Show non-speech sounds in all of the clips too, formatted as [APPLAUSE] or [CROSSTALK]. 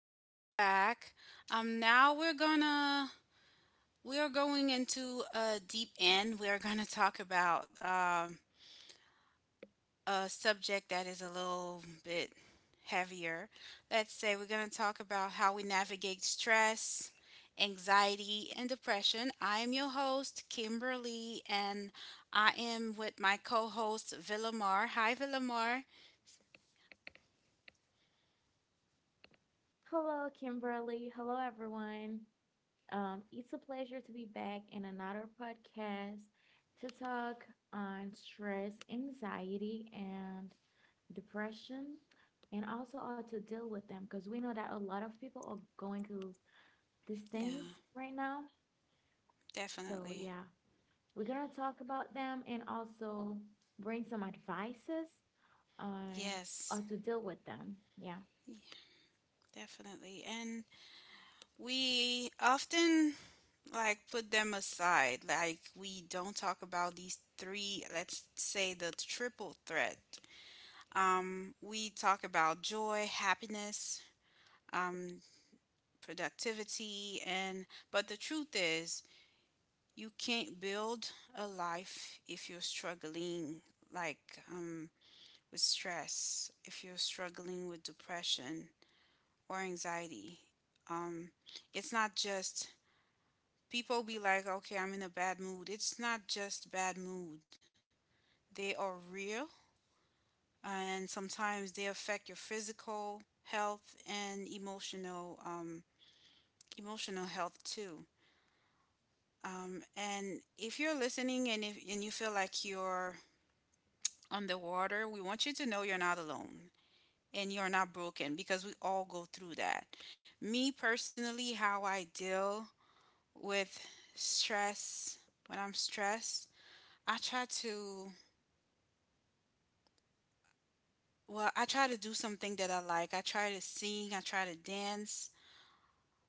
Welcome back. Now we are going into a deep end. We are gonna talk about a subject that is a little bit heavier. Let's say we're gonna talk about how we navigate stress, anxiety, and depression. I am your host, Kimberly, and I am with my co-host Villamar. Hi, Villamar. Hello, Kimberly. Hello, everyone. It's a pleasure to be back in another podcast to talk on stress, anxiety, and depression, and also how to deal with them because we know that a lot of people are going through these things Yeah, right now. So, definitely. yeah, we're going to talk about them and also bring some advices on how Yes. to deal with them. Yeah. Definitely. And we often like put them aside. Like we don't talk about these three, let's say the triple threat. We talk about joy, happiness, um, productivity, and but the truth is you can't build a life if you're struggling like um, with stress, if you're struggling with depression or anxiety. Um, it's not just people be like, okay, I'm in a bad mood. It's not just bad mood, they are real, and sometimes they affect your physical health and emotional emotional health too. And if you're listening and if and you feel like you're on the water, we want you to know you're not alone and you're not broken because we all go through that. Me personally, how I deal with stress when I'm stressed, I try to well, I try to do something that I like. I try to sing, I try to dance.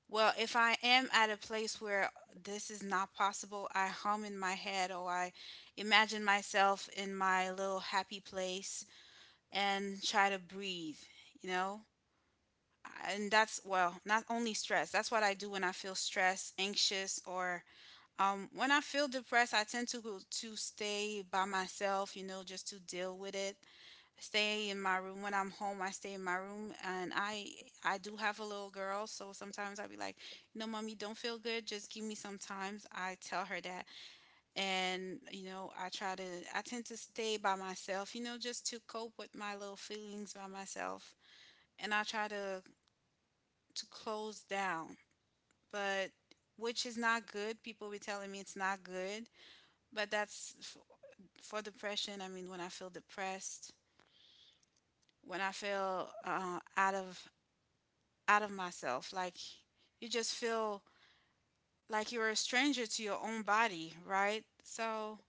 Well, if I am at a place where this is not possible, I hum in my head or I imagine myself in my little happy place and try to breathe, you know? And that's, well, not only stress. That's what I do when I feel stressed, anxious, or when I feel depressed, I tend to go to stay by myself, you know, just to deal with it, stay in my room when I'm home. I stay in my room, and I do have a little girl, so sometimes I'll be like, you know, mommy, don't feel good. Just give me some times. I tell her that, and you know, I try to. I tend to stay by myself, you know, just to cope with my little feelings by myself, and I try to close down, but which is not good. People be telling me it's not good, but for depression. I mean, when I feel depressed, when I feel out of myself. Like you just feel like you're a stranger to your own body, right? So,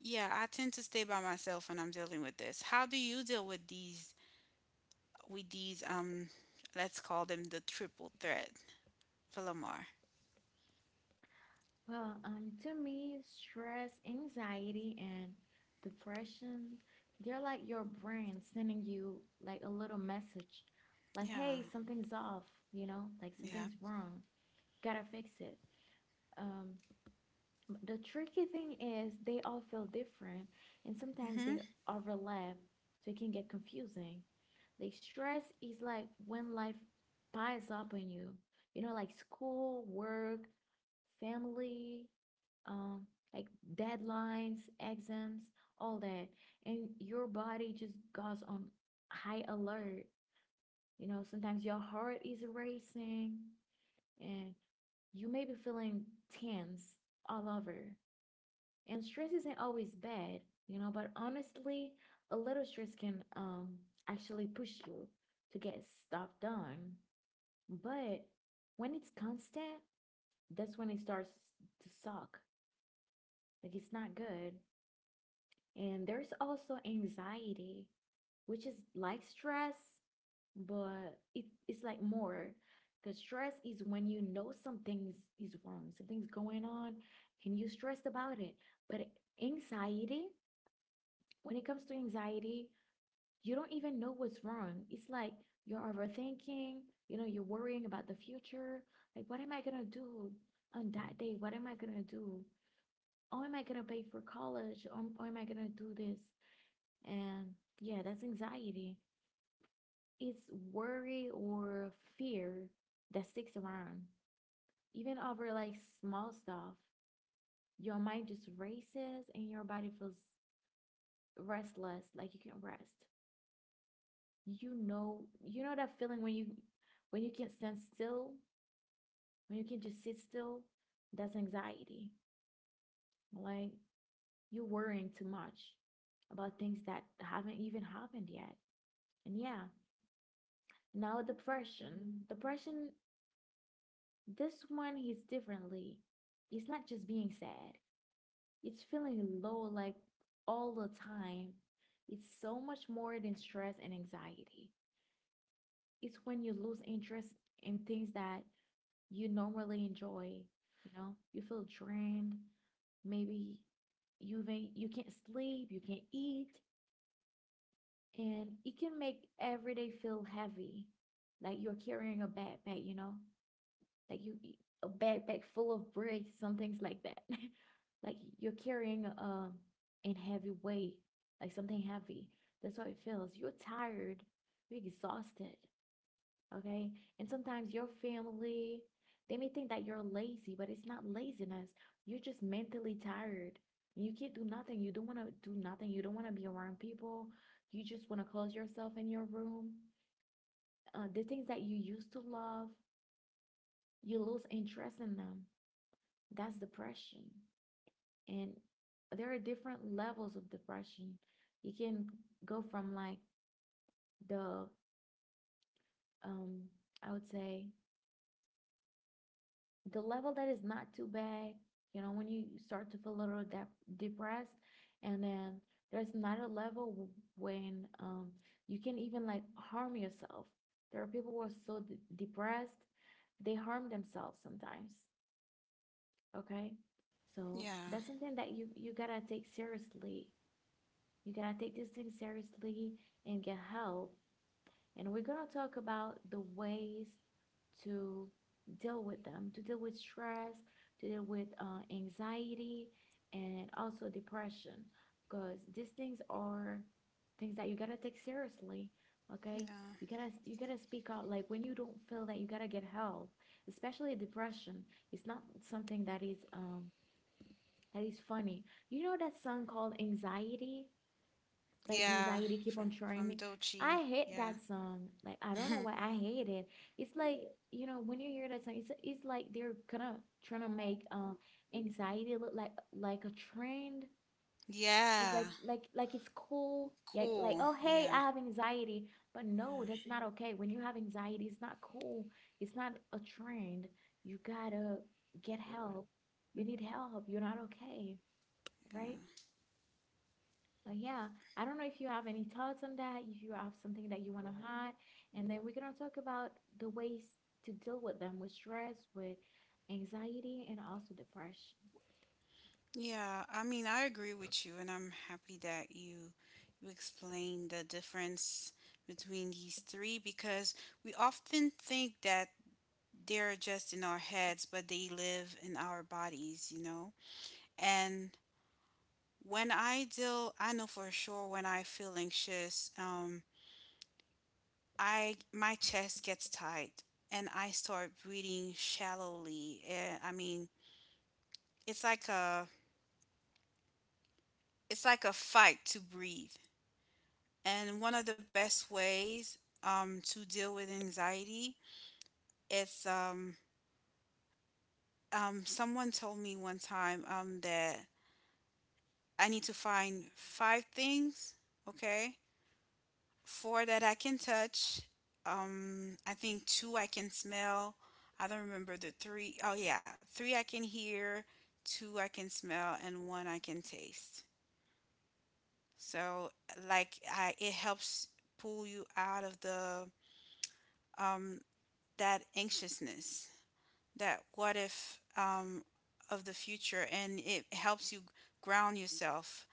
yeah, I tend to stay by myself when I'm dealing with this. How do you deal with these with these um let's call them the triple threat, for Lamar? Well, to me, stress, anxiety, and depression, they're like your brain sending you like a little message, like, Yeah. hey, something's off, you know, like Yeah. something's wrong, gotta fix it. Um, the tricky thing is they all feel different and sometimes they Mhm. overlap, so it can get confusing. Like stress is like when life piles up on you, you know, like school, work, family, um, like deadlines, exams, all that. And your body just goes on high alert. You know, sometimes your heart is racing and you may be feeling tense all over. And stress isn't always bad, you know, but honestly, a little stress can actually push you to get stuff done. But when it's constant, that's when it starts to suck. Like it's not good. And there's also anxiety, which is like stress, but it's like more. Because stress is when you know something is wrong, something's going on, and you're stressed about it. But anxiety when it comes to anxiety, you don't even know what's wrong. It's like you're overthinking, you know, you're worrying about the future. Like, what am I gonna do on that day? What am I gonna do? Oh, am I gonna pay for college? Or am I gonna do this? And yeah, that's anxiety. It's worry or fear that sticks around. Even over like small stuff, your mind just races and your body feels restless, like you can't rest. you know you know that feeling when you can't stand still, when you can just sit still? That's anxiety. Like you're worrying too much about things that haven't even happened yet. And yeah, now depression. Depression, this one is differently. It's not just being sad, it's feeling low like all the time. It's so much more than stress and anxiety. It's when you lose interest in things that you normally enjoy. You know, you feel drained. Maybe you can't sleep, you can't eat, and it can make every day feel heavy, like you're carrying a backpack. You know, like you a backpack full of bricks, some things like that. [LAUGHS] Like you're carrying a in heavy weight, like something heavy. That's how it feels. You're tired, you're exhausted. Okay. And sometimes your family, they may think that you're lazy, but it's not laziness. You're just mentally tired. You can't do nothing. You don't want to do nothing. You don't want to be around people. You just want to close yourself in your room. The things that you used to love, you lose interest in them. That's depression. And there are different levels of depression. You can go from like the, um, I would say, the level that is not too bad, you know, when you start to feel a little depressed, and then there's not a level when you can even like harm yourself. There are people who are so depressed they harm themselves sometimes. Okay, so Yeah. that's something that you gotta take seriously. You gotta take this thing seriously and get help. And we're going to talk about the ways to deal with them, to deal with stress, to deal with anxiety, and also depression, because these things are things that you gotta take seriously. Okay, Yeah. you gotta speak out. Like when you don't feel that, you gotta get help. Especially depression, it's not something that is funny. You know that song called Anxiety, like Yeah, anxiety keep from on trying me. I Dochi. hate Yeah. that song. Like I don't know why [LAUGHS] I hate it. It's like, you know, when you hear that song, it's like they're kind of trying to make anxiety look like a trend. It's yeah. like it's cool. like Cool. oh hey, Yeah. I have anxiety, but Yeah. no, that's not okay. When you have anxiety, it's not cool. It's not a trend. You gotta get help. You need help. You're not okay, Yeah. right? So yeah, I don't know if you have any thoughts on that, if you have something that you want to add, and then we're gonna talk about the ways to deal with them, with stress, with anxiety, and also depression. Yeah, I mean, I agree with you, and I'm happy that you explained the difference between these three because we often think that they're just in our heads, but they live in our bodies, you know? And when I deal, I know for sure when I feel anxious, I my chest gets tight and I start breathing shallowly. I mean, it's like a it's like a fight to breathe. And one of the best ways to deal with anxiety is someone told me one time that I need to find five things, okay? Four that I can touch. I think two I can smell. I don't remember the three. Oh, yeah. Three I can hear, two I can smell, and one I can taste. So, like, it helps pull you out of the um, that anxiousness. That what if of the future, and it helps you ground yourself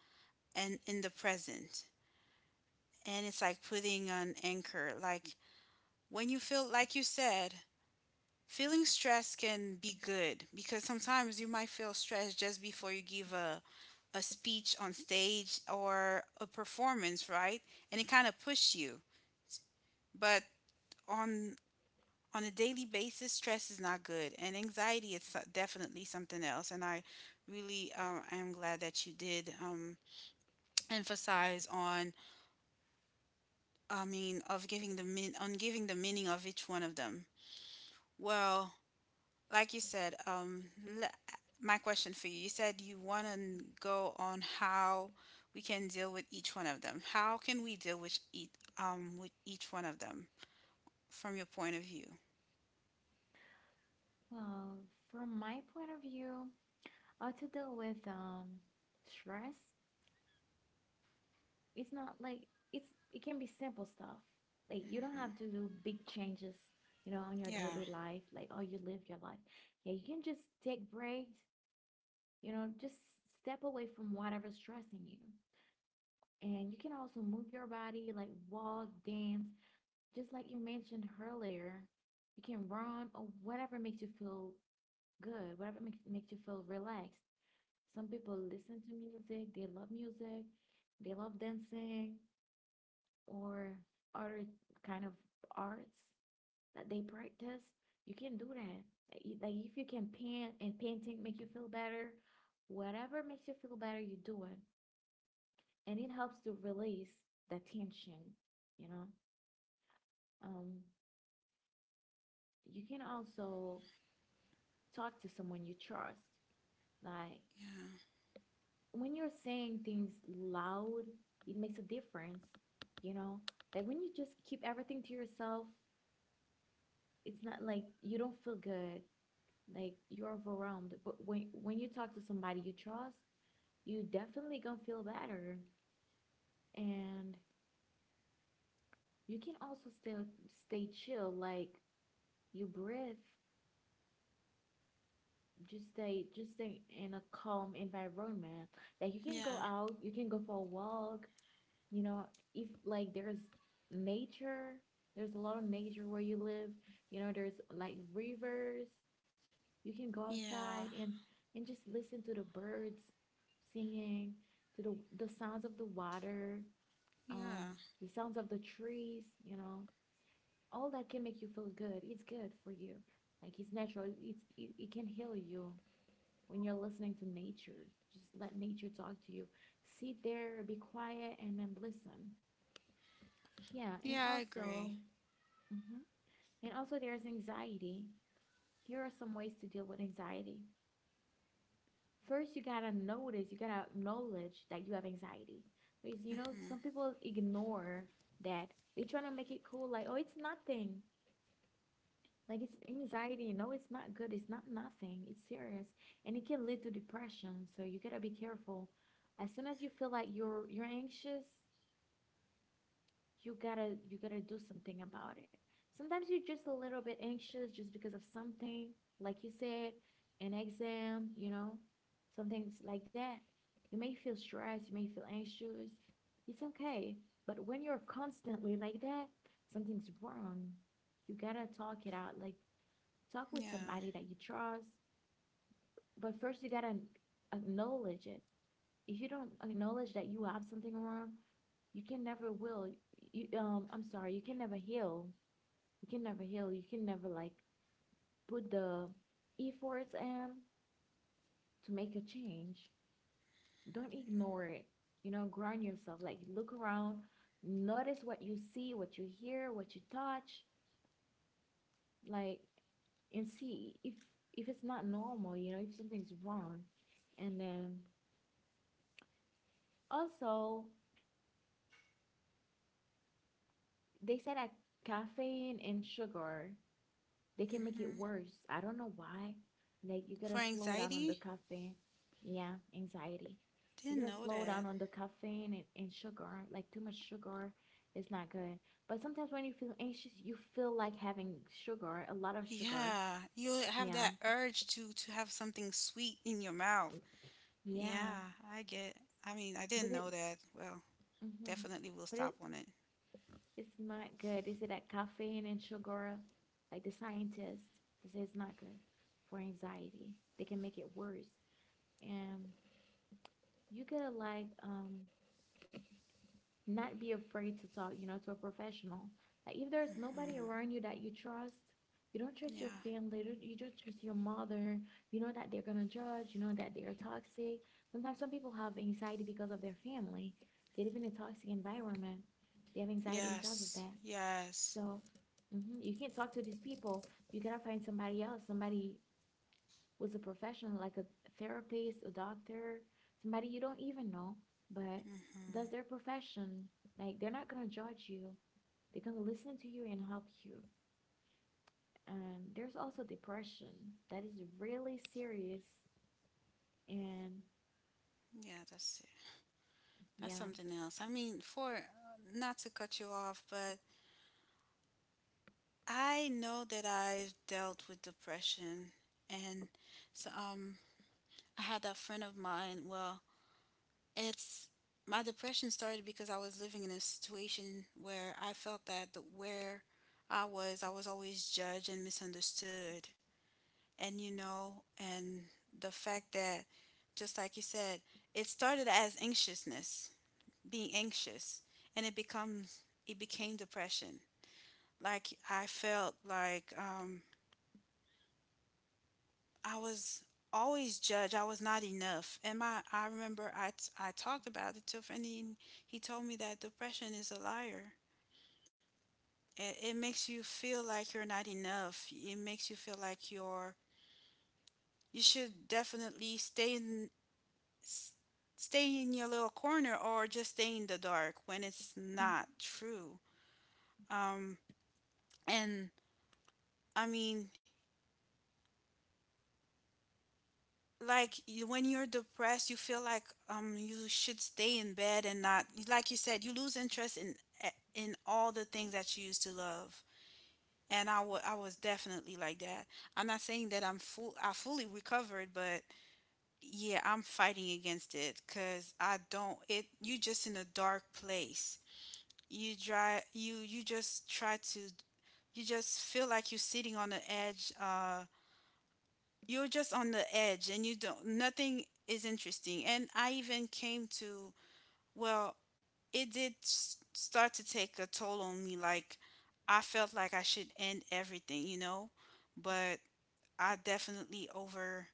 and in the present, and it's like putting an anchor. Like when you feel, like you said, feeling stress can be good because sometimes you might feel stressed just before you give a speech on stage or a performance, right? And it kind of pushes you, but on a daily basis, stress is not good, and anxiety is definitely something else. And I really am glad that you did emphasize on, I mean, of giving the on giving the meaning of each one of them. Well, like you said, le- my question for you: you said you want to go on how we can deal with each one of them. How can we deal with each one of them from your point of view? Well, from my point of view, to deal with stress, it's not like it's it can be simple stuff. Like you don't Mm-hmm. have to do big changes, you know, on your Yeah, daily life, like how you live your life. Yeah, you can just take breaks, you know, just step away from whatever's stressing you. And you can also move your body, like walk, dance, just like you mentioned earlier. You can run or whatever makes you feel good, whatever makes you feel relaxed. Some people listen to music, they love dancing or other kind of arts that they practice. You can do that. Like like if you can paint and painting make you feel better, whatever makes you feel better, you do it and it helps to release the tension, you know. Um, you can also talk to someone you trust. Like yeah, when you're saying things loud, it makes a difference, you know. That when you just keep everything to yourself, it's not like you don't feel good, like you're overwhelmed. But when you talk to somebody you trust, you definitely gonna feel better. And you can also still stay chill, like you breathe, just stay in a calm environment. Like you can go yeah, out, you can go for a walk, you know, if like there's nature, there's a lot of nature where you live, you know, there's like rivers. You can go yeah. outside and just listen to the birds singing, to the sounds of the water, um Yeah. the sounds of the trees, you know. All that can make you feel good, it's good for you. Like it's natural, it can heal you when you're listening to nature. Just let nature talk to you. Sit there, be quiet, and then listen. Yeah, Yeah, I and agree. also, mhm, and also there's anxiety. Here are some ways to deal with anxiety. First, you gotta notice, you gotta acknowledge that you have anxiety. Because you know, Mhm. some people ignore that. They try to make it cool, like, oh, it's nothing. Like it's anxiety. No, it's not good. It's not nothing. It's serious. And it can lead to depression. So you gotta be careful. As soon as you feel like you're anxious, you gotta do something about it. Sometimes you're just a little bit anxious just because of something, like you said, an exam, you know, some things like that. You may feel stressed, you may feel anxious. It's okay. But when you're constantly like that, something's wrong. You gotta talk it out. Like talk with Yeah. somebody that you trust, but first you gotta acknowledge it. If you don't acknowledge that you have something wrong, you can never will. You I'm sorry, you can never heal. You can never heal. You can never like put the efforts in to make a change. Don't ignore it. You know, ground yourself. Like look around, notice what you see, what you hear, what you touch, like, and see if it's not normal, you know, if something's wrong. And then also they said that caffeine and sugar, they can make Mhm. it worse. I don't know why. Like you For gotta slow down on the anxiety, caffeine. Yeah, anxiety. didn't You gotta know slow that. down on the caffeine and sugar. Like too much sugar is not good. But sometimes when you feel anxious, you feel like having sugar, a lot of sugar. Yeah, you have that Yeah. urge to have something sweet in your mouth. Yeah. Yeah, I get. I mean, I didn't But it, know that. Well, mhm, definitely we'll but stop it on it. it's not good. Is it that caffeine and sugar? Like the scientists, they say it's not good for anxiety. They can make it worse. And you gotta like not be afraid to talk, you know, to a professional. Like if there's Mhm. nobody around you that you trust, you don't trust your Yeah. family, you don't trust your mother, you know that they're gonna judge, you know that they are toxic. Sometimes some people have anxiety because of their family. They live in a toxic environment. They have anxiety because of Yes. that. Yes. So mhm, you can't talk to these people. You gotta find somebody else, somebody who's a professional, like a therapist, a doctor, somebody you don't even know, but Mhm. does their profession. Like they're not gonna judge you. They're gonna listen to you and help you. And there's also depression that is really serious. And Yeah, that's it. That's yeah, something else. I mean, for, not to cut you off, but I know that I've dealt with depression, and so um, I had a friend of mine. Well, it's my depression started because I was living in a situation where I felt that where I was always judged and misunderstood, and you know, and the fact that, just like you said, it started as anxiousness, being anxious, and it became depression. Like I felt like I was always judged. I was not enough. And my I remember I talked about it to a friend and he told me that depression is a liar. It makes you feel like you're not enough. It makes you feel like you're you should definitely s- stay in your little corner or just stay in the dark when it's mhm, not true. Um and I mean like you, when you're depressed you feel like you should stay in bed and not, like you said, you lose interest in eh, in all the things that you used to love, and I was definitely like that. I'm not saying that I fully recovered, but yeah, I'm fighting against it because I don't, it, you just in a dark place. You just try to you just feel like you're sitting on the edge. You're just on the edge, and you don't, nothing is interesting, and I even came to, well, start to take a toll on me. Like I felt like I should end everything, you know? But I definitely over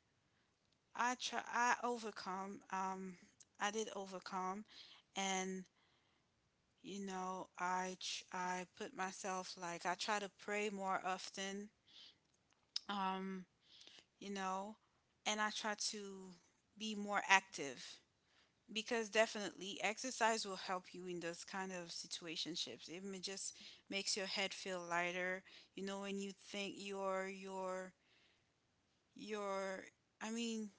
I overcome, I did overcome. And you know, I put myself, like I try to pray more often. Um. You know, and I try to be more active because definitely exercise will help you in those kind of situationships. Even it just makes your head feel lighter. You know, when you think your I mean,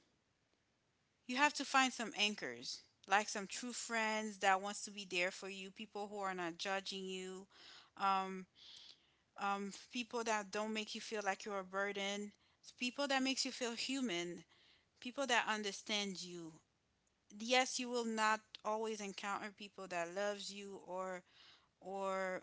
you have to find some anchors, like some true friends that wants to be there for you, people who are not judging you, um, people that don't make you feel like you're a burden, people that makes you feel human, people that understand you. Yes, you will not always encounter people that loves you or or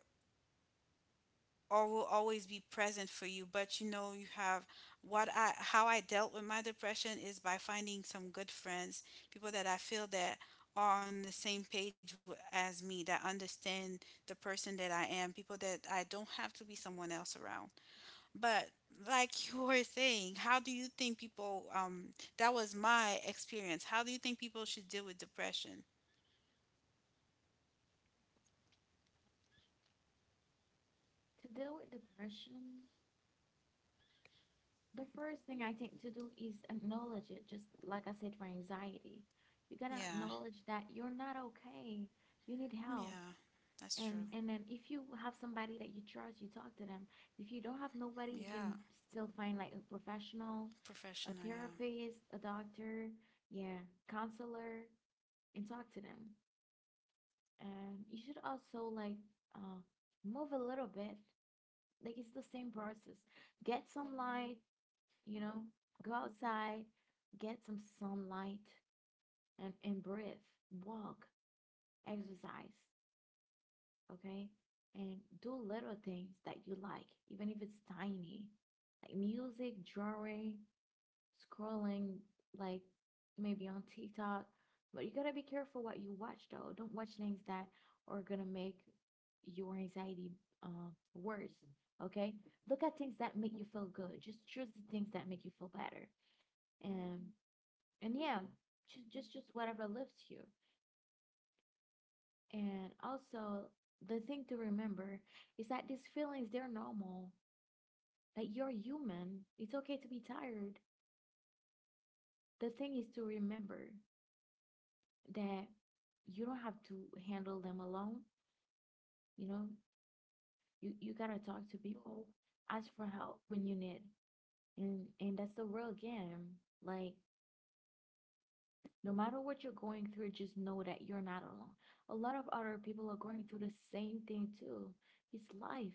or will always be present for you, but you know, you have what I how I dealt with my depression is by finding some good friends, people that I feel that are on the same page as me, that understand the person that I am, people that I don't have to be someone else around. But, like [LAUGHS] you were saying, how do you think people that was my experience. How do you think people should deal with depression? to deal with depression, the first thing I think to do is acknowledge it, just like I said for anxiety. You gotta Yeah. acknowledge that you're not okay. You need help. Yeah, that's And true. and then if you have somebody that you trust, you talk to them. If you don't have nobody, you can Yeah, still find like a professional, a professional. Yeah, therapist, a doctor, yeah, counselor, and talk to them. And you should also like uh move a little bit. Like it's the same process. Get some light, you know, go outside, get some sunlight and breathe, walk, exercise, okay? And do little things that you like, even if it's tiny, like music, drawing, scrolling, like maybe on TikTok. But you gotta be careful what you watch though. Don't watch things that are gonna make your anxiety worse, okay? Look at things that make you feel good. Just choose the things that make you feel better. And and yeah, just whatever lifts you. And also the thing to remember is that these feelings they're normal. That you're human. It's okay to be tired. The thing is to remember that you don't have to handle them alone. You know, you gotta talk to people, ask for help when you need. And that's the real game. Like no matter what you're going through, just know that you're not alone. A lot of other people are going through the same thing too. It's life.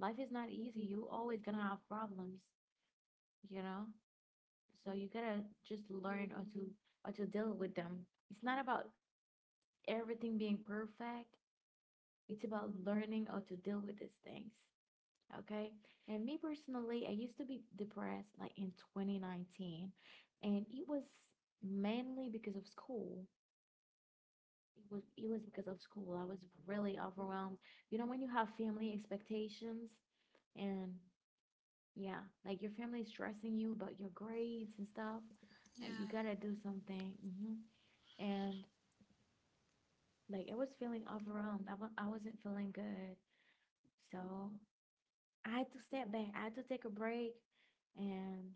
Life is not easy. You always gonna have problems, you know? So you gotta just learn or to deal with them. It's not about everything being perfect. It's about learning or to deal with these things. Okay. And me personally, I used to be depressed like in 2019. And it was mainly because of school It Was it was because of school. I was really overwhelmed. You know, when you have family expectations and yeah, like your family is stressing you about your grades and stuff, like you gotta do something. And like I was feeling overwhelmed. I wasn't feeling good. So I had to step back. I had to take a break. And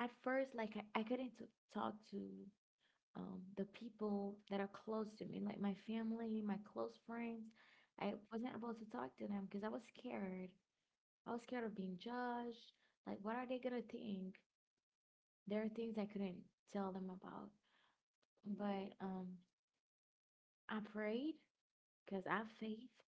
at first, like I couldn't talk to the people that are close to me, like my family, my close friends. I wasn't able to talk to them because I was scared. I was scared of being judged. Like, what are they gonna think? There are things I couldn't tell them about. But I prayed because I have faith.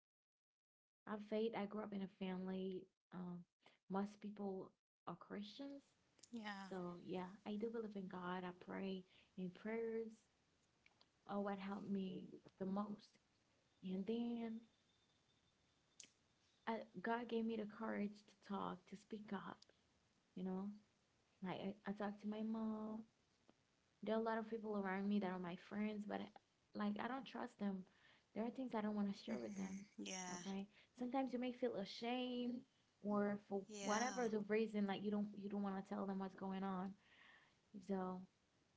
I have faith. I grew up in a family. Um, most people are Christians. yeah, yeah, So yeah, I do believe in God. I pray, and prayers are what helped me the most. And then God gave me the courage to talk, to speak up, you know? Like, I talk to my mom. There are a lot of people around me that are my friends, but I, like, I don't trust them. There are things I don't want to share hmm, with them, yeah, okay? Sometimes you may feel ashamed or for yeah. whatever the reason, like, you don't want to tell them what's going on. So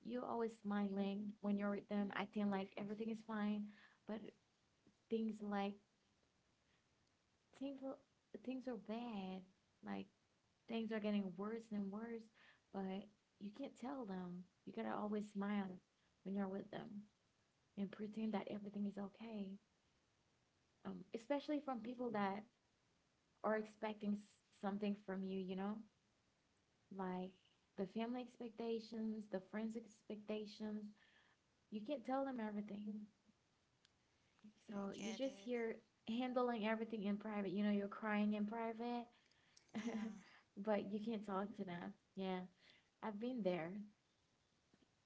you're always smiling when you're with them, acting like everything is fine, but things like, things, things are bad. Like, things are getting worse and worse, but you can't tell them. You gotta always smile when you're with them and pretend that everything is okay. Especially from people that are expecting something from you, you know, like the family expectations, the friends expectations. You can't tell them everything. I So you get just it. hear handling everything in private. You know, you're crying in private, [LAUGHS] Yeah, but you can't talk to them. Yeah, I've been there.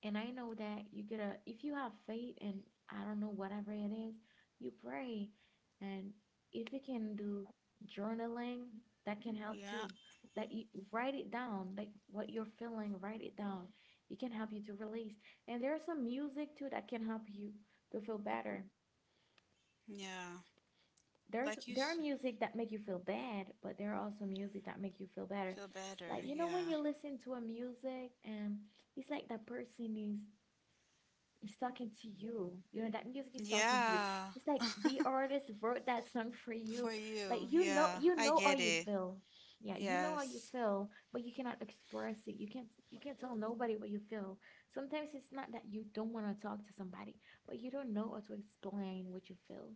And I know that you get a if you have faith and I don't know, whatever it is, you pray. And if you can do journaling, that can help yeah, too. That you write it down, like what you're feeling, write it down. It can help you to release. And there's some music too that can help you to feel better. yeah. Like There are music that make you feel bad, but there are also music that make you feel better. feel better. Like you know when Yeah, you listen to a music and it's like that person is it's talking to you. You know, that music is talking to you. yeah. It's like the artist wrote that song for you. For Like you. Yeah, you I know how get you it. feel. Yeah, you know how you Yes, feel, but you cannot express it. You can't tell nobody what you feel. Sometimes it's not that you don't want to talk to somebody, but you don't know how to explain what you feel.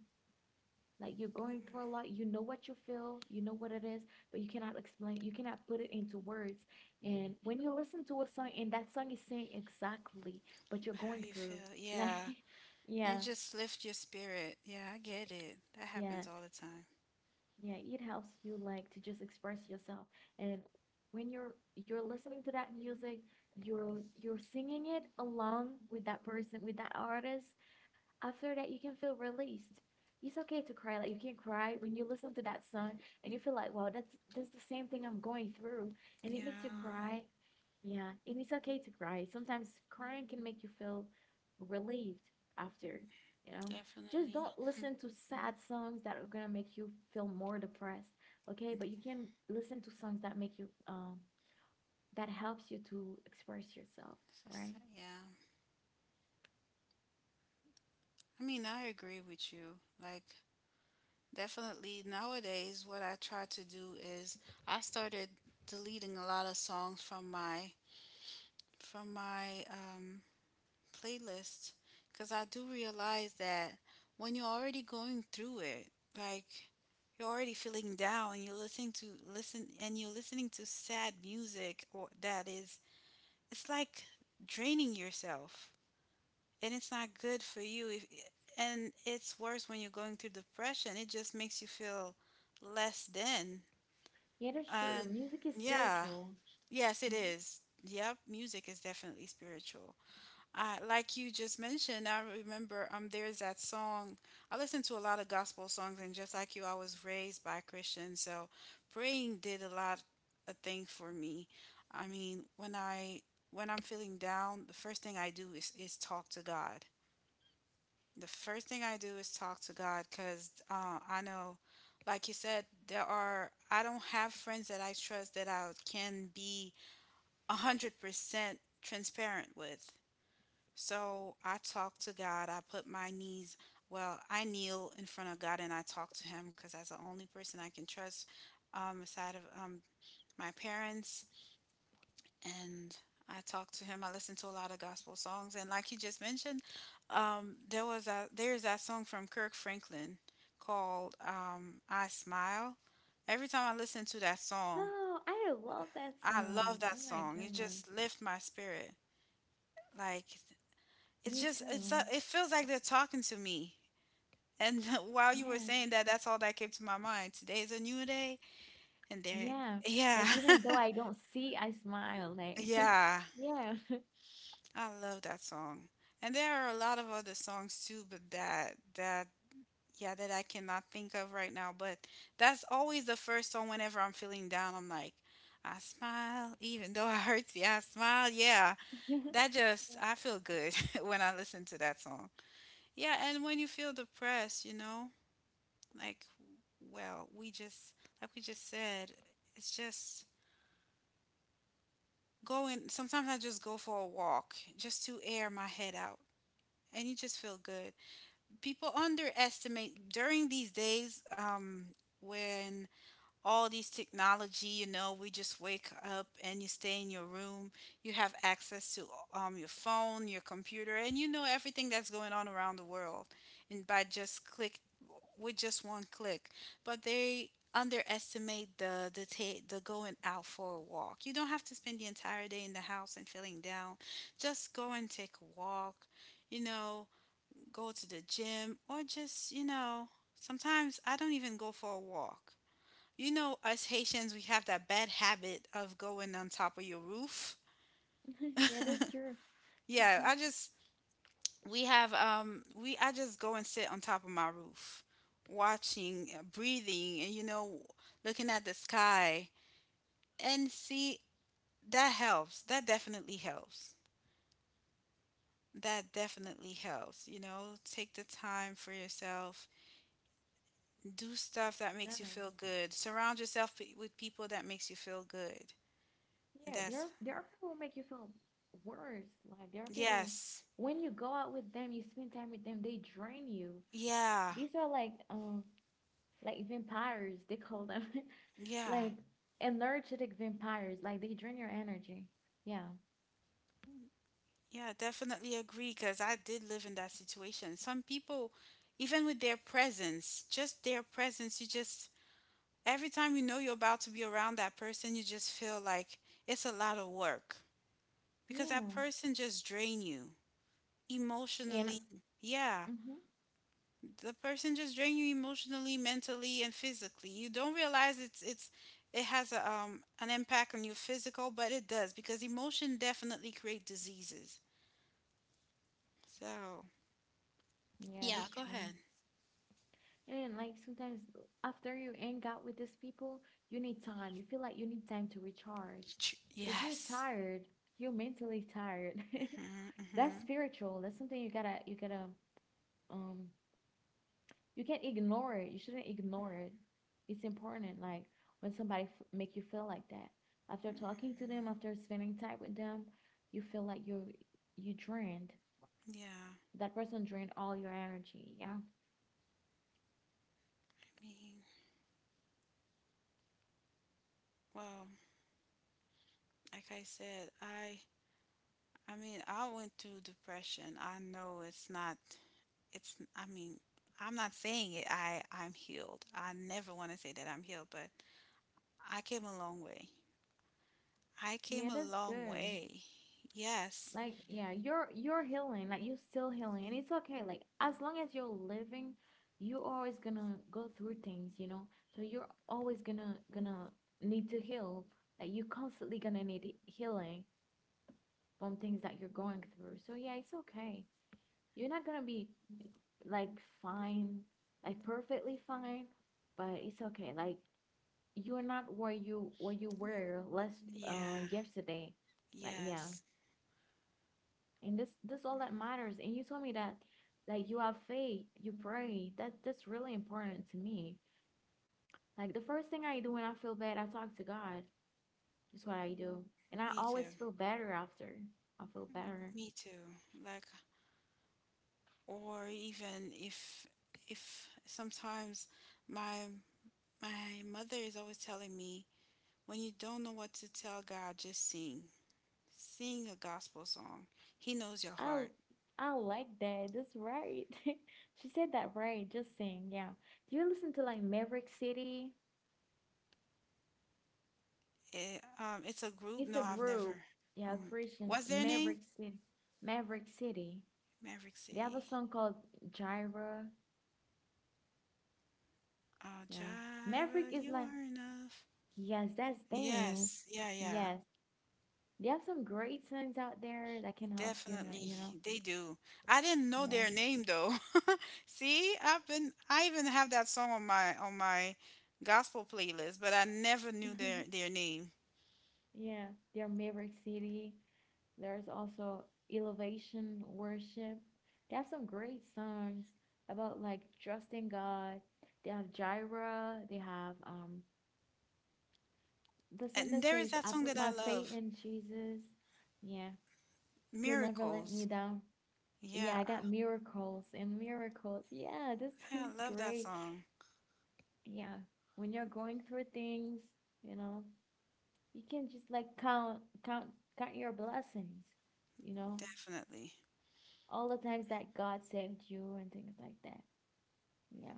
Like you're going through a lot, you know what you feel, you know what it is, but you cannot explain, you cannot put it into words. And when you listen to a song and that song is saying exactly what you're how going you through, feel. like, Yeah, [LAUGHS] yeah, and just lift your spirit. Yeah, I get it. That yeah, happens all the time. yeah, it helps you like to just express yourself. And when you're listening to that music, you're singing it along with that person, with that artist, after that, you can feel released. It's okay to cry. Like you can cry when you listen to that song and you feel like, wow, that's the same thing I'm going through, and it makes you Yeah, cry. Yeah, and it's okay to cry. Sometimes crying can make you feel relieved after, you know. Just definitely. don't listen to sad songs that are gonna make you feel more depressed, okay? It's But you can listen to songs that make you that helps you to express yourself, right? yeah. I mean, I agree with you. Like, definitely nowadays, what I try to do is I started deleting a lot of songs from my playlist because I do realize that when you're already going through it, like you're already feeling down, and you're listening to listen and you're listening to sad music or that is it's like draining yourself, and it's not good for you if, and it's worse when you're going through depression. It just makes you feel less than. Yeah, that's uh, true. Music is yeah, spiritual. yes it Mhm. is. Yep, music is definitely spiritual. Like you just mentioned, I remember there's that song. I listen to a lot of gospel songs, and just like you, I was raised by Christians, so praying did a lot, a thing for me. I mean, when I'm feeling down, the first thing I do is talk to God. The first thing I do is talk to God because I know, like you said, there are, I don't have friends that I trust that I can be 100% transparent with. So I talk to God. I put my knees, well, I kneel in front of God and I talk to Him because that's the only person I can trust aside of my parents, and I talked to him. I listened to a lot of gospel songs, and like you just mentioned, there was a there's that song from Kirk Franklin called "I Smile." Every time I listen to that song, Oh, I love that I song. love Oh that my song. It goodness. just lifts my spirit. Like it's Me just it's too. a, it feels like they're talking to me. And [LAUGHS] while you were Yeah. saying that, that's all that came to my mind. Today is a new day, and there, Yeah. yeah, Like even though I don't see, I smile. [LAUGHS] Like [LAUGHS] yeah. yeah. [LAUGHS] I love that song. And there are a lot of other songs too, but that yeah, that I cannot think of right now, but that's always the first song whenever I'm feeling down. I'm like, I smile even though [LAUGHS] it hurts. Yeah, I smile. Yeah. Yeah, That just I feel good [LAUGHS] when I listen to that song. Yeah, and when you feel depressed, like well, we just like we just said, it's just going sometimes I just go for a walk just to air my head out and you just feel good. People underestimate during these days when all these technology, you know, we just wake up and you stay in your room. You have access to your phone, your computer, and you know everything that's going on around the world, and by just click with just one click. But they underestimate the going out for a walk. You don't have to spend the entire day in the house and feeling down. Just go and take a walk, you know, go to the gym, or just, you know, sometimes I don't even go for a walk. You know, us Haitians, we have that bad habit of going on top of your roof. [LAUGHS] [LAUGHS] yeah, that's true. Yeah, [LAUGHS] I just, I just go and sit on top of my roof, watching, breathing, and, you know, looking at the sky. And see, that helps. That definitely helps. That definitely helps. You know, take the time for yourself, do stuff that Yeah. makes you feel good, surround yourself with people that makes you feel good. Yeah, there That's are people who make you feel worse. Like there are people yes. when you go out with them, you spend time with them, they drain you. yeah, These are like vampires, they call them [LAUGHS] yeah. like energetic vampires, like they drain your energy. Yeah. Yeah, definitely agree, because I did live in that situation. Some people, even with their presence, just their presence, you just every time, you know, you're about to be around that person, you just feel like it's a lot of work because that Yeah. person just drain you And emotionally. Yeah, mm-hmm. the person just drain you emotionally, mentally, and physically. You don't realize it's it has a, an impact on your physical, but it does, because emotion definitely create diseases. So Yeah, yeah, that's go true. ahead. And like sometimes after you hang out with these people, you need time. You feel like you need time to recharge Ch- because you're yes. tired. You're mentally tired. [LAUGHS] Hmm, hmm. That's spiritual. That's something you gotta um you can't ignore it. You shouldn't ignore it. It's important. Like when somebody f make you feel like that after talking to them, after spending time with them, you feel like you drained. Yeah, That person drained all your energy. Yeah. I mean, well, like I said, I mean I went through depression. I know it's not, it's, I mean, I'm not saying it I I'm healed. I never want to say that I'm healed, but I came a long way. I came Yeah, a that's long good. way. Yes. Like, yeah, you're healing, like you're still healing, and it's okay. Like, as long as you're living, you're always gonna go through things, you know? So you're always gonna need to heal. Like you're constantly gonna need healing from things that you're going through. So yeah, it's okay. You're not gonna be like fine, like perfectly fine, but it's okay. Like you're not where you were last Yeah. yesterday. Like, yeah. Yes. And this all that matters, and you told me that like you have faith, you pray, that that's really important to me. Like the first thing I do when I feel bad, I talk to God. That's what I do, and I Me always too. feel better after. I feel better. Me too. Like, or even if sometimes my my mother is always telling me, when you don't know what to tell God, just sing. Sing a gospel song. He knows your i heart. I like that. That's right. [LAUGHS] She said that right, just saying. Yeah, do you listen to like Maverick City? It it's a group. It's No, a I've group, never. yeah, Mm. Christian. What's their name? Maverick City. Maverick City. Maverick They have a City. song called Gyra. Oh, Yeah. Maverick Gyra, is you like, are enough. yes, that's them. Yes. Yeah, yeah. Yes, they have some great songs out there that can help, you know, Definitely, you know. they do. I didn't know Yeah. their name though. [LAUGHS] See, I even have that song on my gospel playlist, but I never knew their [LAUGHS] their name. Yeah, they're Maverick City. There's also Elevation Worship. They have some great songs about like trusting God. They have Jireh. They have the song that And there says, is that I song put that I my faith love, in Jesus. Yeah, he'll never let me Miracles. down. Yeah, Yeah, I I- got miracles and miracles. Yeah, this [LAUGHS] song yeah, is I love that great. song. Yeah, when you're going through things, you know, you can just like count, count count your blessings, you know, Definitely. all the times that God saved you and things like that. Yeah.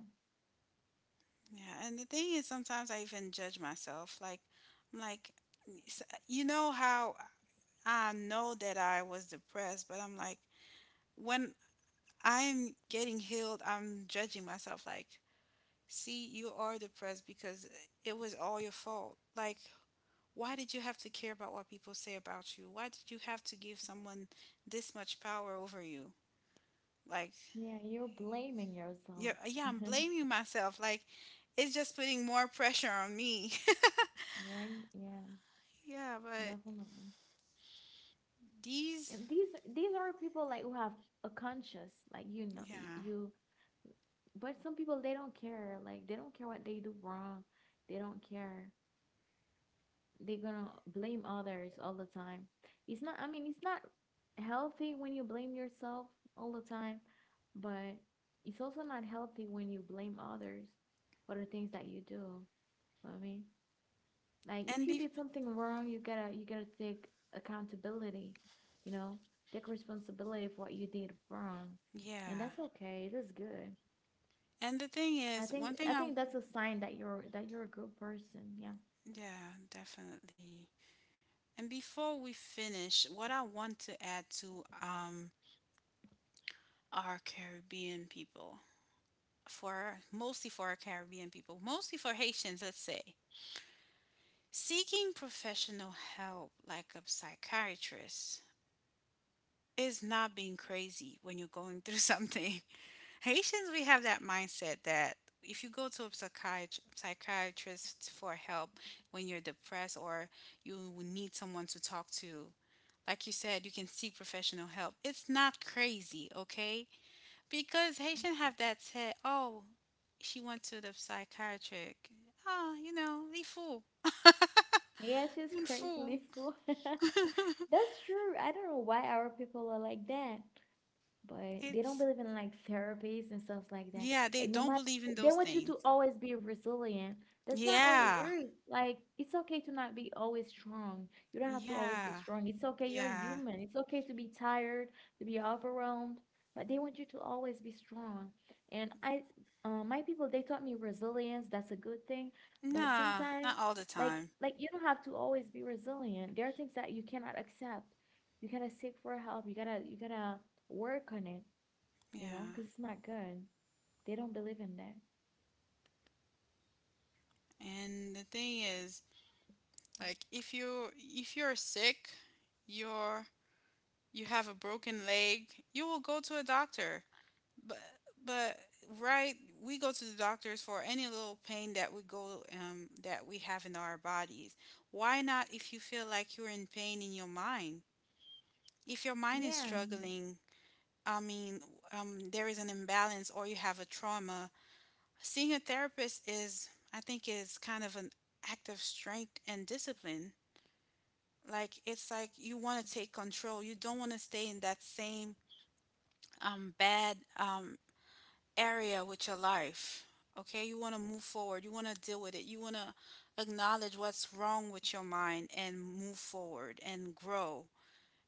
Yeah, and the thing is sometimes I even judge myself. Like, I'm like, s- you know how, I know that I was depressed, but I'm like, when I'm getting healed, I'm judging myself like, see, you are depressed because it was all your fault. Like, why did you have to care about what people say about you? Why did you have to give someone this much power over you? Like, Yeah, you're blaming yeah, yourself. yeah, I'm [LAUGHS] blaming myself. Like, it's just putting more pressure on me. Yeah. Yeah, [LAUGHS] Yeah, but definitely. these, And these are people like who have a conscience, like, you know, yeah, you. But some people, they don't care. Like they don't care what they do wrong. They don't care. They're gonna blame others all the time. It's not, I mean, it's not healthy when you blame yourself all the time, but it's also not healthy when you blame others for the things that you do. For me, like and if you be, did something wrong, you gotta take accountability. You know, take responsibility for what you did wrong, and yeah, that's okay. That's good. and the thing I is, think one thing I I, think that's a sign that you're a good person. Yeah. yeah, definitely. And before we finish, what I want to add to our Caribbean people, for mostly for our Caribbean people, mostly for Haitians, let's say, seeking professional help like a psychiatrist is not being crazy when you're going through something. [LAUGHS] Haitians, we have that mindset that if you go to a psychiatrist for help when you're depressed or you need someone to talk to, like you said, you can seek professional help. It's not crazy, okay? Because Haitian have that said, oh, she went to the psychiatric. Ah, you know, they fool. Yeah, she's Un fool. crazily full. [LAUGHS] That's true. I don't know why our people are like that, but they don't It's, believe in like therapies and stuff like that. yeah, they Like no don't matter, believe in they those want you things. to always be resilient. That's not how it Yeah, works. Like it's okay to not be always strong. You don't have to always be yeah, strong. It's okay. You're yeah. human. It's okay to be tired, to be overwhelmed. But they want you to always be strong. And my people, they taught me resilience. That's a good thing. But Nah, sometimes, not all the like time. like you don't have to always be resilient. There are things that you cannot accept. You gotta seek for help. You gotta work on it, you know, Yeah. because it's not good. They don't believe in that. And the thing is, like if you, if you're sick, you're, you have a broken leg, you will go to a doctor. but but right, we go to the doctors for any little pain that we go that we have in our bodies. Why not if you feel like you're in pain in your mind? If your mind is Yeah. struggling, I mean, there is an imbalance or you have a trauma, seeing a therapist is, I think, is kind of an act of strength and discipline. Like, it's like you want to take control, you don't want to stay in that same bad area with your life. Okay, you want to move forward, you want to deal with it, you want to acknowledge what's wrong with your mind and move forward and grow,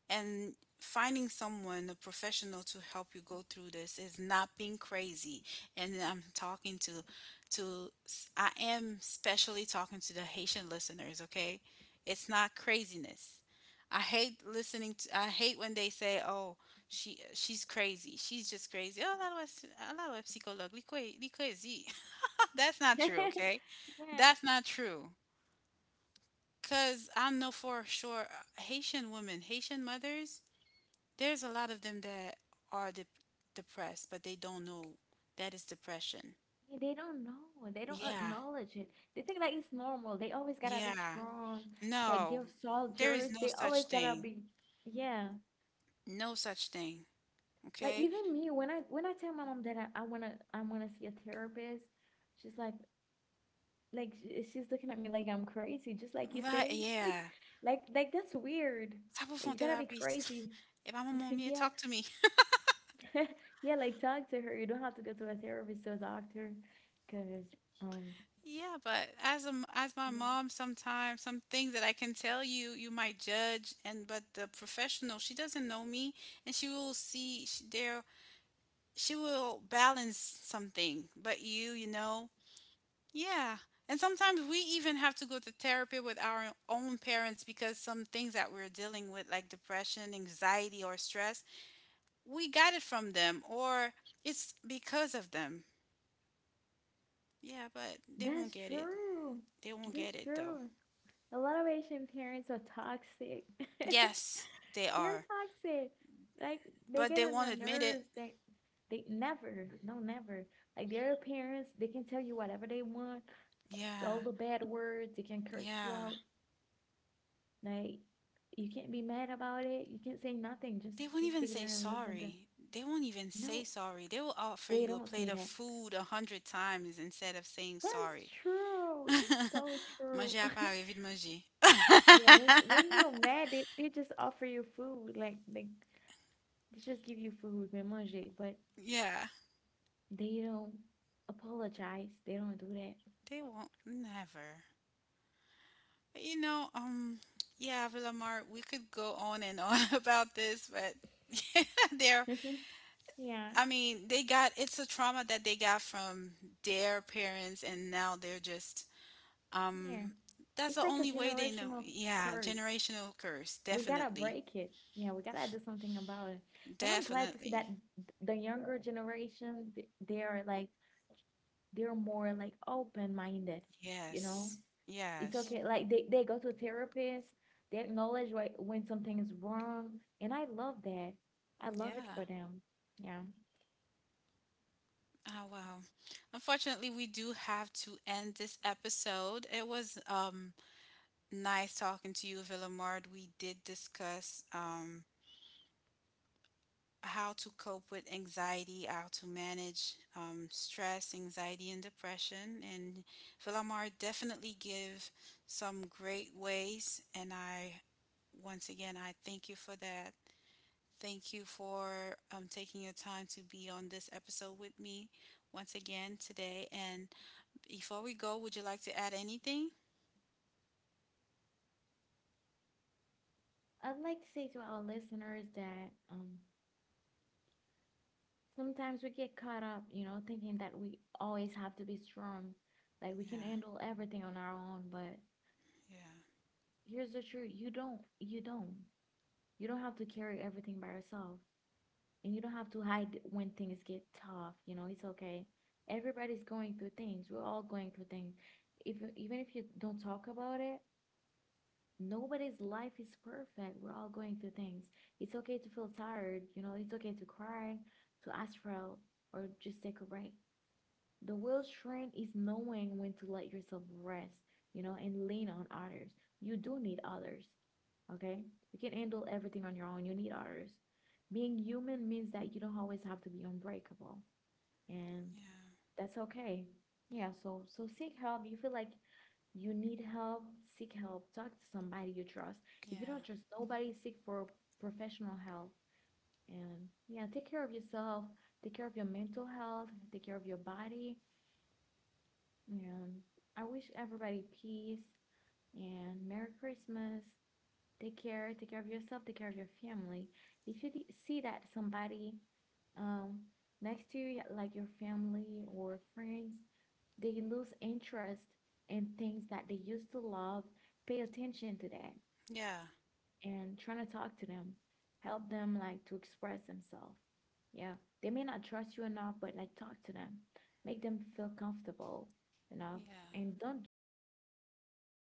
and finding someone a professional to help you go through this is not being crazy. And I'm talking to, I am specially talking to the Haitian listeners, okay? It's not craziness. I hate listening to I hate when they say, oh, she's crazy, she's just crazy. Oh, la loi ps- la loi psychologue li cra- li crazy. [LAUGHS] That's not true, [LAUGHS] okay? Yeah. That's not true. Because I know for sure, Haitian women, Haitian mothers, there's a lot of them that are depressed, but they don't know that is depression. They don't know. They don't Yeah, acknowledge it. They think that it's normal. They always gotta be yeah. strong. Like No, they're there is soldiers. no They such always gotta thing. be, yeah. No such thing. Like Okay? even me, when I tell my mom that I wanna see a therapist, she's like she's looking at me like I'm crazy, just like you Like, say. [LAUGHS] yeah. Like that's weird. Tá bom, Like, vão you ter gotta lá, be bis. crazy. [LAUGHS] If I'm a [LAUGHS] mom, yeah, Yeah, talk to me. [LAUGHS] [LAUGHS] yeah, like talk to her. You don't have to go to a therapist or a doctor, because um, Yeah, but as a, m- as my yeah. mom, sometimes some things that I can tell you, you might judge, and but the professional, she doesn't know me, and she will see she, there. She will balance something, but you know, yeah. And sometimes we even have to go to therapy with our own parents because some things that we're dealing with, like depression, anxiety, or stress, we got it from them or it's because of them. Yeah, but they won't That's get it. true. They won't get That's it though. true. A lot of Asian parents are toxic. [LAUGHS] Yes, they They're are. toxic. Like they But get they on won't your admit it. nerves. They never, no, never. Like their parents, they can tell you whatever they want. All Yeah, the bad words. They can curse you yeah. out. Like you can't be mad about it. You can't say nothing. They won't Just even stay there say and listen to. sorry. They won't even say No, sorry. They will offer they you a don't plate say of that. food a hundred times instead of saying That's sorry. true. That's so [LAUGHS] true. Manger à [LAUGHS] Paris, vite manger. Yeah, when you're mad, they just offer you food. Like they just give you food, mais manger, but [LAUGHS] Yeah, they don't apologize. They don't do they won't never. But you know, yeah, Villamar, we could go on and on [LAUGHS] about this, but [LAUGHS] they're, that. [LAUGHS] Yeah, I mean, they got, it's a trauma that they got from their parents, and now they're just, yeah. um, that's It's the like a only way they know. generational Yeah, curse. generational curse, We gotta definitely, break it. Yeah, we gotta do something about it. And I'm glad to see that definitely. The younger generation, they are like they're more like open minded, you know? Yes, It's yes, okay. Like they go to a therapist, they acknowledge when something is wrong. And I love that. I love it yeah. for them. Yeah. Oh, wow. Unfortunately, we do have to end this episode. It was nice talking to you, Villamard. We did discuss how to cope with anxiety, how to manage stress, anxiety, and depression. And Villamard definitely give some great ways. And I, once again, I thank you for that. Thank you for taking your time to be on this episode with me once again today. And before we go, would you like to add anything? I'd like to say to our listeners that sometimes we get caught up, you know, thinking that we always have to be strong. Like we Yeah, can handle everything on our own, but yeah, here's the truth. You don't. You don't. You don't have to carry everything by yourself. And you don't have to hide when things get tough. You know, it's okay. Everybody's going through things. We're all going through things. If even if you don't talk about it, nobody's life is perfect. We're all going through things. It's okay to feel tired. You know, it's okay to cry, to ask for help, or just take a break. The real strength is knowing when to let yourself rest, you know, and lean on others. You do need others, okay? You can not handle everything on your own. You need others. Being human means that you don't always have to be unbreakable, and yeah, that's okay. Yeah, so seek help. You feel like you need help, seek help. Talk to somebody you trust. If you don't yeah, trust nobody, seek for professional help. And yeah, take care of yourself, take care of your mental health, take care of your body, and I wish everybody peace and Merry Christmas. Take care. Take care of yourself. Take care of your family. If you see that somebody, um, next to you, like your family or friends, they lose interest in things that they used to love, pay attention to that yeah, and trying to talk to them, help them like to express themselves. Yeah, they may not trust you enough, but like talk to them, make them feel comfortable enough, yeah. and don't judge. Like,